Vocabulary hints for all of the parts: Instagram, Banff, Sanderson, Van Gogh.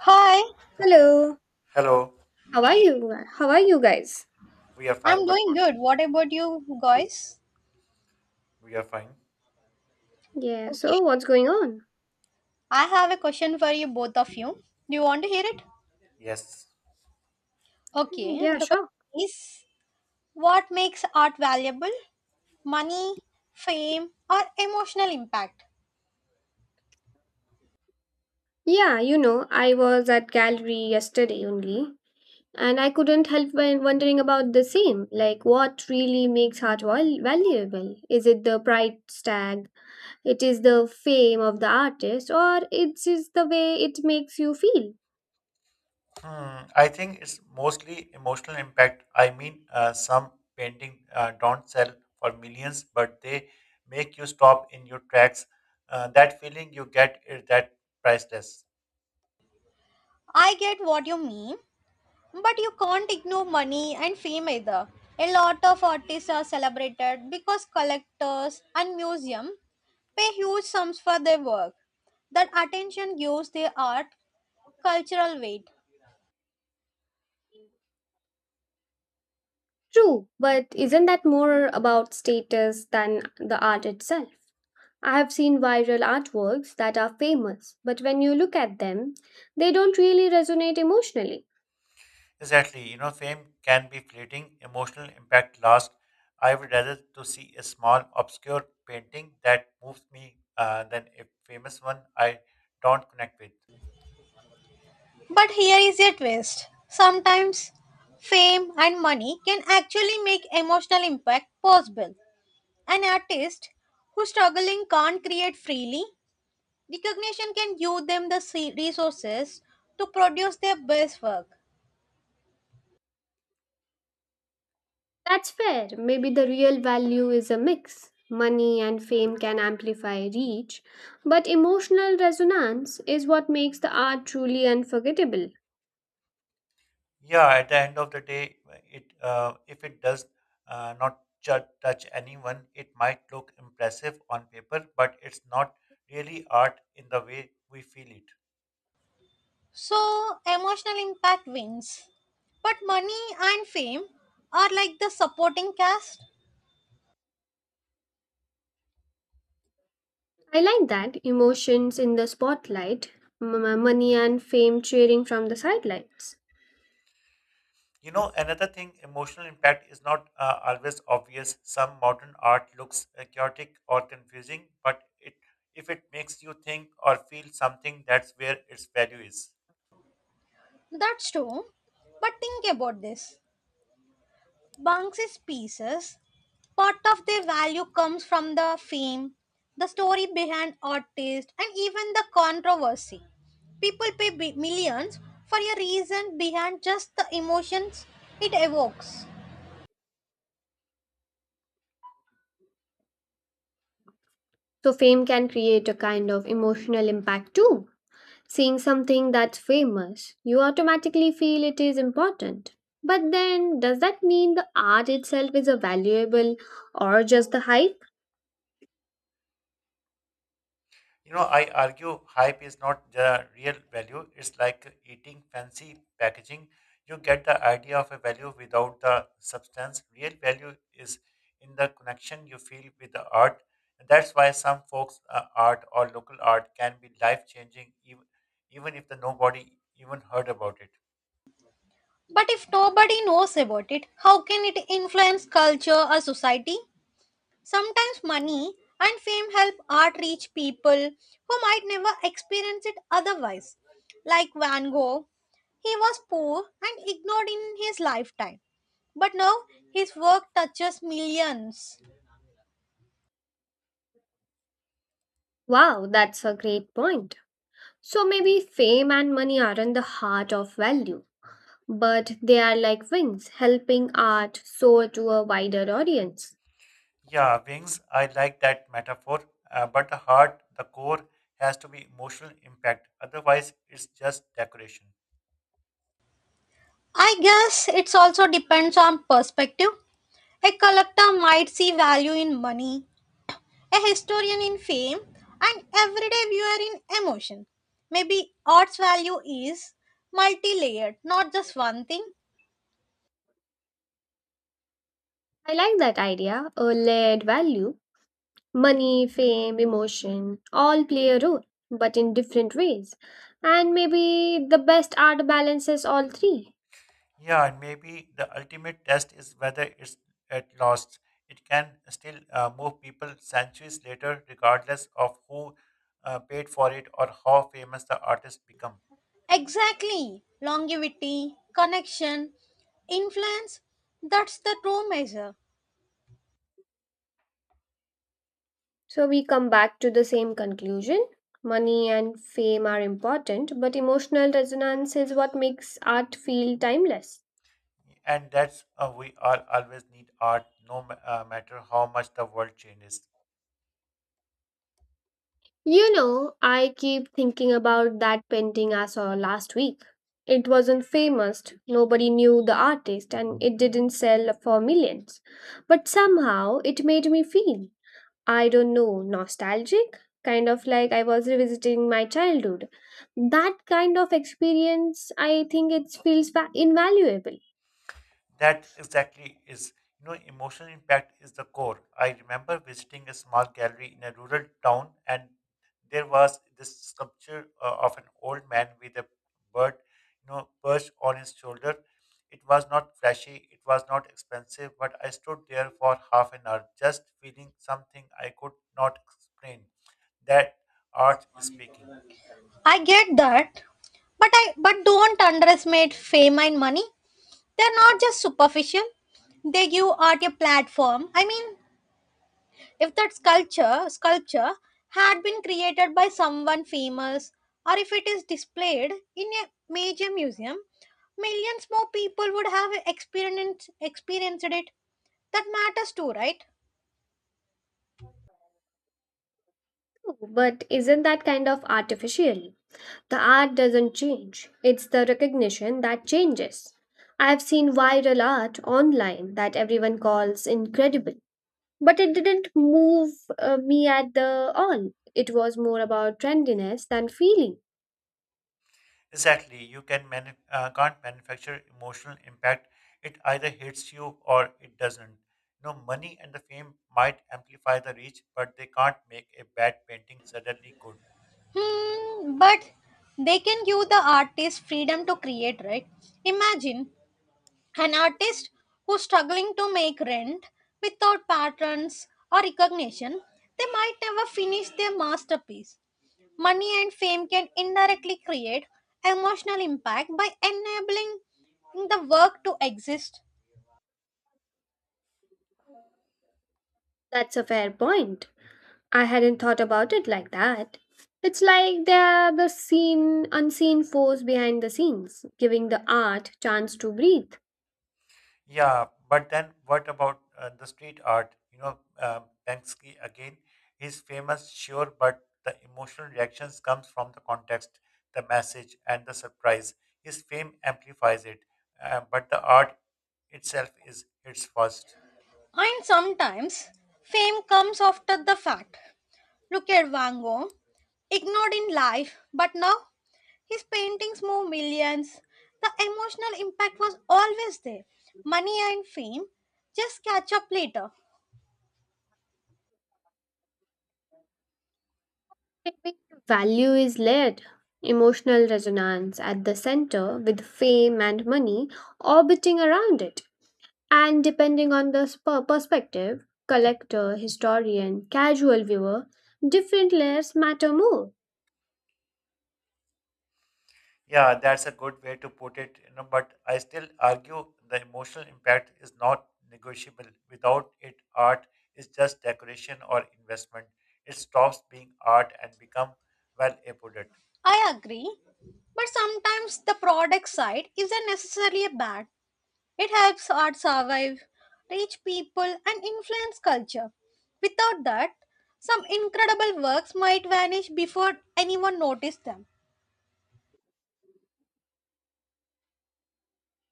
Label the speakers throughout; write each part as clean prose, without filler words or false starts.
Speaker 1: Hi,
Speaker 2: Hello.
Speaker 3: Hello,
Speaker 2: How are you? How are you guys?
Speaker 3: we are fine.
Speaker 1: I'm
Speaker 3: What
Speaker 1: doing
Speaker 3: about
Speaker 1: good. What about you guys?
Speaker 3: we are fine?
Speaker 2: Yeah,
Speaker 1: Okay,
Speaker 2: so what's going on?
Speaker 1: I have a question for you, both of you. Do you want to hear it?
Speaker 3: Yes.
Speaker 2: Mm,
Speaker 1: Okay,
Speaker 2: yeah,
Speaker 1: the
Speaker 2: sure.
Speaker 1: question is what makes art valuable? Money, fame, or emotional impact?
Speaker 2: Yeah, I was at gallery yesterday only, and I couldn't help when wondering about the same. Like, what really makes art valuable? Is it the price tag? It is the fame of the artist, or it's just the way it makes you feel?
Speaker 3: Hmm. I think it's mostly emotional impact. I mean, some painting don't sell for millions, but they make you stop in your tracks. That feeling you get is that priceless.
Speaker 1: I get what you mean, but you can't ignore money and fame either. A lot of artists are celebrated because collectors and museums pay huge sums for their work. That attention gives their art cultural weight.
Speaker 2: True, but isn't that more about status than the art itself? I have seen viral artworks that are famous, but when you look at them, they don't really resonate emotionally.
Speaker 3: Exactly. Fame can be fleeting. Emotional impact lasts. I would rather to see a small obscure painting that moves me than a famous one I don't connect with.
Speaker 1: But here is a twist. Sometimes fame and money can actually make emotional impact possible. An artist who struggling can't create freely, recognition can give them the resources to produce their best work.
Speaker 2: That's fair. Maybe the real value is a mix. Money and fame can amplify reach, but emotional resonance is what makes the art truly unforgettable.
Speaker 3: Yeah, at the end of the day it if it does not touch anyone, it might look impressive on paper but it's not really art in the way we feel it.
Speaker 1: So emotional impact wins. But money and fame are like the supporting cast.
Speaker 2: I like that emotions in the spotlight, money and fame cheering from the sidelines.
Speaker 3: Another thing, emotional impact is not always obvious. Some modern art looks chaotic or confusing, but it if it makes you think or feel something, that's where its value is.
Speaker 1: That's true. But think about this. Banksy's pieces part of their value comes from the fame, the story behind artists, and even the controversy. People pay millions for a reason behind just the emotions it evokes.
Speaker 2: So, fame can create a kind of emotional impact too. Seeing something that's famous, you automatically feel it is important. But then, does that mean the art itself is a valuable or just the hype?
Speaker 3: I argue hype is not the real value. It's like eating fancy packaging. You get the idea of a value without the substance. Real value is in the connection you feel with the art. And that's why some folks' art or local art can be life changing, even if the nobody even heard about it.
Speaker 1: But if nobody knows about it, how can it influence culture or society? Sometimes money and fame help art reach people who might never experience it otherwise. Like Van Gogh, he was poor and ignored in his lifetime, but now his work touches millions.
Speaker 2: Wow, that's a great point. So maybe fame and money aren't the heart of value, but they are like wings helping art soar to a wider audience.
Speaker 3: Yeah, wings, I like that metaphor. But the heart, the core, has to be emotional impact. Otherwise, it's just decoration.
Speaker 1: I guess it also depends on perspective. A collector might see value in money, a historian in fame, and everyday viewer in emotion. Maybe art's value is multi layered, not just one thing.
Speaker 2: I like that idea, a layered value. Money, fame, emotion all play a role, but in different ways. And maybe the best art balances all three.
Speaker 3: Yeah, and maybe the ultimate test is whether it's at lost. It can still move people centuries later, regardless of who paid for it or how famous the artist become.
Speaker 1: Exactly. Longevity, connection, influence, that's the true measure.
Speaker 2: So we come back to the same conclusion. Money and fame are important, but emotional resonance is what makes art feel timeless.
Speaker 3: And that's we all always need art, no ma- matter how much the world changes.
Speaker 2: I keep thinking about that painting I saw last week. It wasn't famous, nobody knew the artist, and it didn't sell for millions. But somehow it made me feel. I don't know, nostalgic? Kind of like I was revisiting my childhood. That kind of experience, I think it feels invaluable.
Speaker 3: That exactly is, emotional impact is the core. I remember visiting a small gallery in a rural town, and there was this sculpture of an old man with a bird, perched on his shoulder. It was not flashy, it was not expensive, but I stood there for half an hour just feeling something I could not explain. That art is speaking.
Speaker 1: I get that, but I but don't underestimate fame and money. They're not just superficial. They give art a platform. I mean, if that sculpture had been created by someone famous or if it is displayed in a major museum, millions more people would have experienced it. That matters too, right?
Speaker 2: But isn't that kind of artificial? The art doesn't change, it's the recognition that changes. I've seen viral art online that everyone calls incredible, but it didn't move me at the all. It was more about trendiness than feeling.
Speaker 3: Exactly, you can't manufacture emotional impact. It either hits you or it doesn't. Money and the fame might amplify the reach, but they can't make a bad painting suddenly good.
Speaker 1: Hmm, but they can give the artist freedom to create, right? Imagine an artist who's struggling to make rent without patrons or recognition, they might never finish their masterpiece. Money and fame can indirectly create emotional impact by enabling the work to exist.
Speaker 2: That's a fair point. I hadn't thought about it like that. It's like they're the seen, unseen force behind the scenes, giving the art chance to breathe.
Speaker 3: Yeah, but then what about the street art? Banksy again, he's famous, sure, but the emotional reactions comes from the context, the message, and the surprise. His fame amplifies it, but the art itself is hits first.
Speaker 1: And sometimes fame comes after the fact. Look at Van Gogh, ignored in life, but now his paintings moved millions. The emotional impact was always there. Money and fame just catch up later.
Speaker 2: Maybe value is layered. Emotional resonance at the center with fame and money orbiting around it. And depending on the perspective, collector, historian, casual viewer, different layers matter more.
Speaker 3: Yeah, that's a good way to put it, but I still argue the emotional impact is not negotiable. Without it, art is just decoration or investment. It stops being art and become well a product.
Speaker 1: I agree. But sometimes the product side isn't necessarily bad. It helps art survive, reach people, and influence culture. Without that, some incredible works might vanish before anyone noticed them.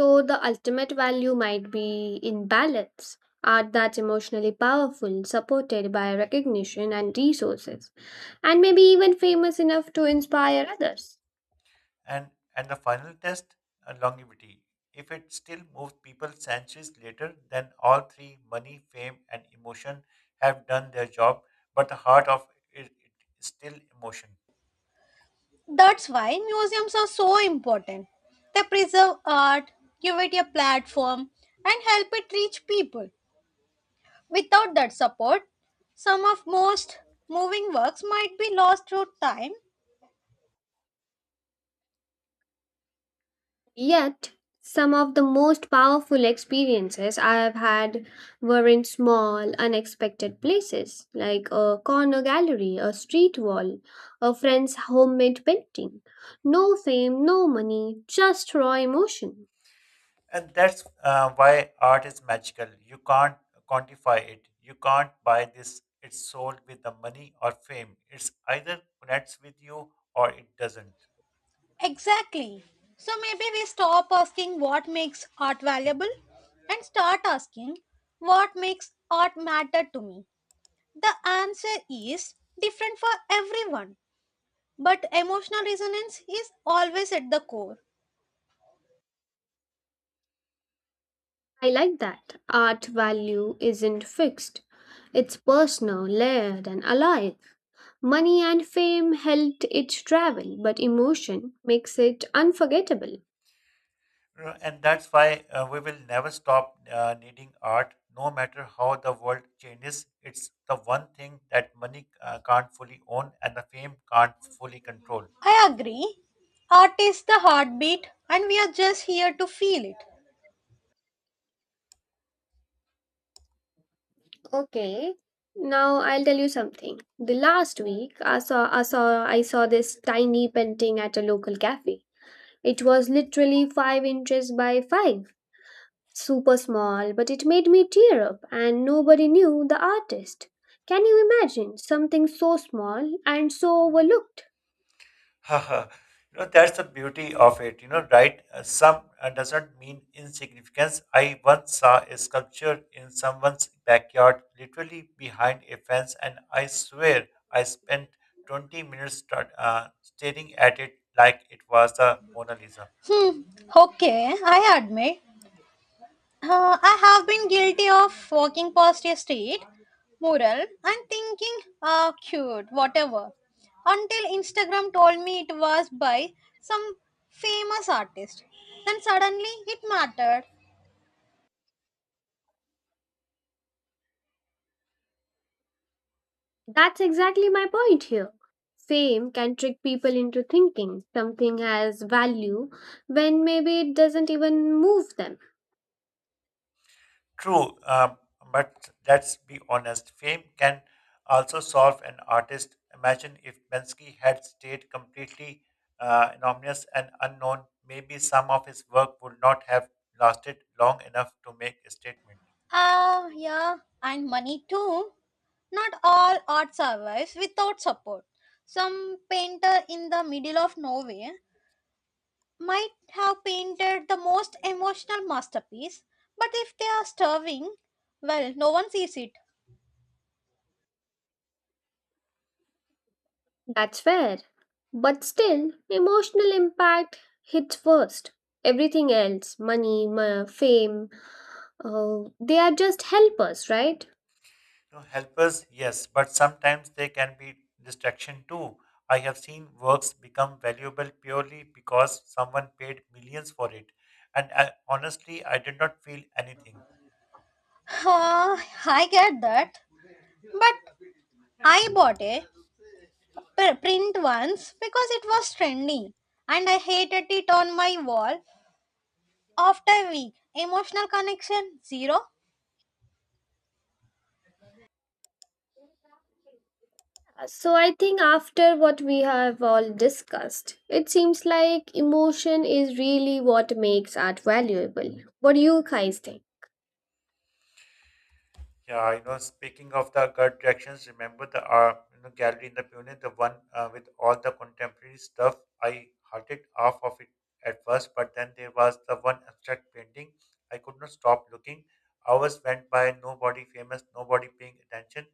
Speaker 2: So the ultimate value might be in balance, art that's emotionally powerful, supported by recognition and resources, and maybe even famous enough to inspire others.
Speaker 3: And and the final test, longevity. If it still moves people centuries later, then all three money, fame, and emotion have done their job, but the heart of it is still emotion.
Speaker 1: That's why museums are so important. They preserve art, give it a platform, and help it reach people. Without that support, some of most moving works might be lost through time.
Speaker 2: Yet, some of the most powerful experiences I have had were in small, unexpected places, like a corner gallery, a street wall, a friend's homemade painting. No fame, no money, just raw emotion.
Speaker 3: And that's why art is magical. You can't quantify it. You can't buy this. It's sold with the money or fame. It's either connects with you or it doesn't.
Speaker 1: Exactly. So maybe we stop asking what makes art valuable and start asking what makes art matter to me. The answer is different for everyone, but emotional resonance is always at the core.
Speaker 2: I like that. Art value isn't fixed, it's personal, layered, and alive. Money and fame helped it travel, but emotion makes it unforgettable.
Speaker 3: And that's why we will never stop needing art, no matter how the world changes. It's the one thing that money can't fully own and the fame can't fully control.
Speaker 1: I agree. Art is the heartbeat, and we are just here to feel it.
Speaker 2: Okay, now I'll tell you something. The last week, I saw this tiny painting at a local cafe. It was literally 5 inches by 5, super small, but it made me tear up, and nobody knew the artist. Can you imagine something so small and so overlooked?
Speaker 3: Haha. That's the beauty of it, right? Some doesn't mean insignificance. I once saw a sculpture in someone's backyard, literally behind a fence, and I swear I spent 20 minutes staring at it like it was the Mona Lisa.
Speaker 1: Hmm, okay, I admit. I have been guilty of walking past a street mural and thinking, ah, cute, whatever, until Instagram told me it was by some famous artist. Then suddenly it mattered.
Speaker 2: That's exactly my point here. Fame can trick people into thinking something has value when maybe it doesn't even move them.
Speaker 3: True, but let's be honest, fame can also solve an artist. Imagine if Bensky had stayed completely anonymous and unknown, maybe some of his work would not have lasted long enough to make a statement.
Speaker 1: Ah, yeah, and money too. Not all art survives without support. Some painter in the middle of nowhere might have painted the most emotional masterpiece, but if they are starving, well, no one sees it.
Speaker 2: That's fair. But still, emotional impact hits first. Everything else, money, fame, they are just helpers, right?
Speaker 3: You know, helpers, yes, but sometimes they can be distraction too. I have seen works become valuable purely because someone paid millions for it. And I, honestly, I did not feel anything.
Speaker 1: Ah, I get that. But I bought a print once because it was trendy and I hated it on my wall after a week. Emotional connection zero.
Speaker 2: So, I think after what we have all discussed, it seems like emotion is really what makes art valuable. What do you guys think?
Speaker 3: Yeah, speaking of the gut reactions, remember the gallery in the Pune, the one with all the contemporary stuff. I halted half of it at first, but then there was the one abstract painting. I could not stop looking. Hours went by, nobody famous, nobody paying attention,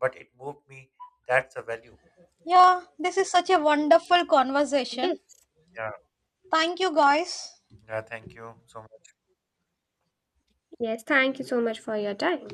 Speaker 3: but it moved me. That's a value.
Speaker 1: Yeah, this is such a wonderful conversation.
Speaker 2: Yes,
Speaker 3: Yeah,
Speaker 1: Thank you, guys.
Speaker 3: yeah. Thank you so much.
Speaker 2: yes, thank you so much for your time.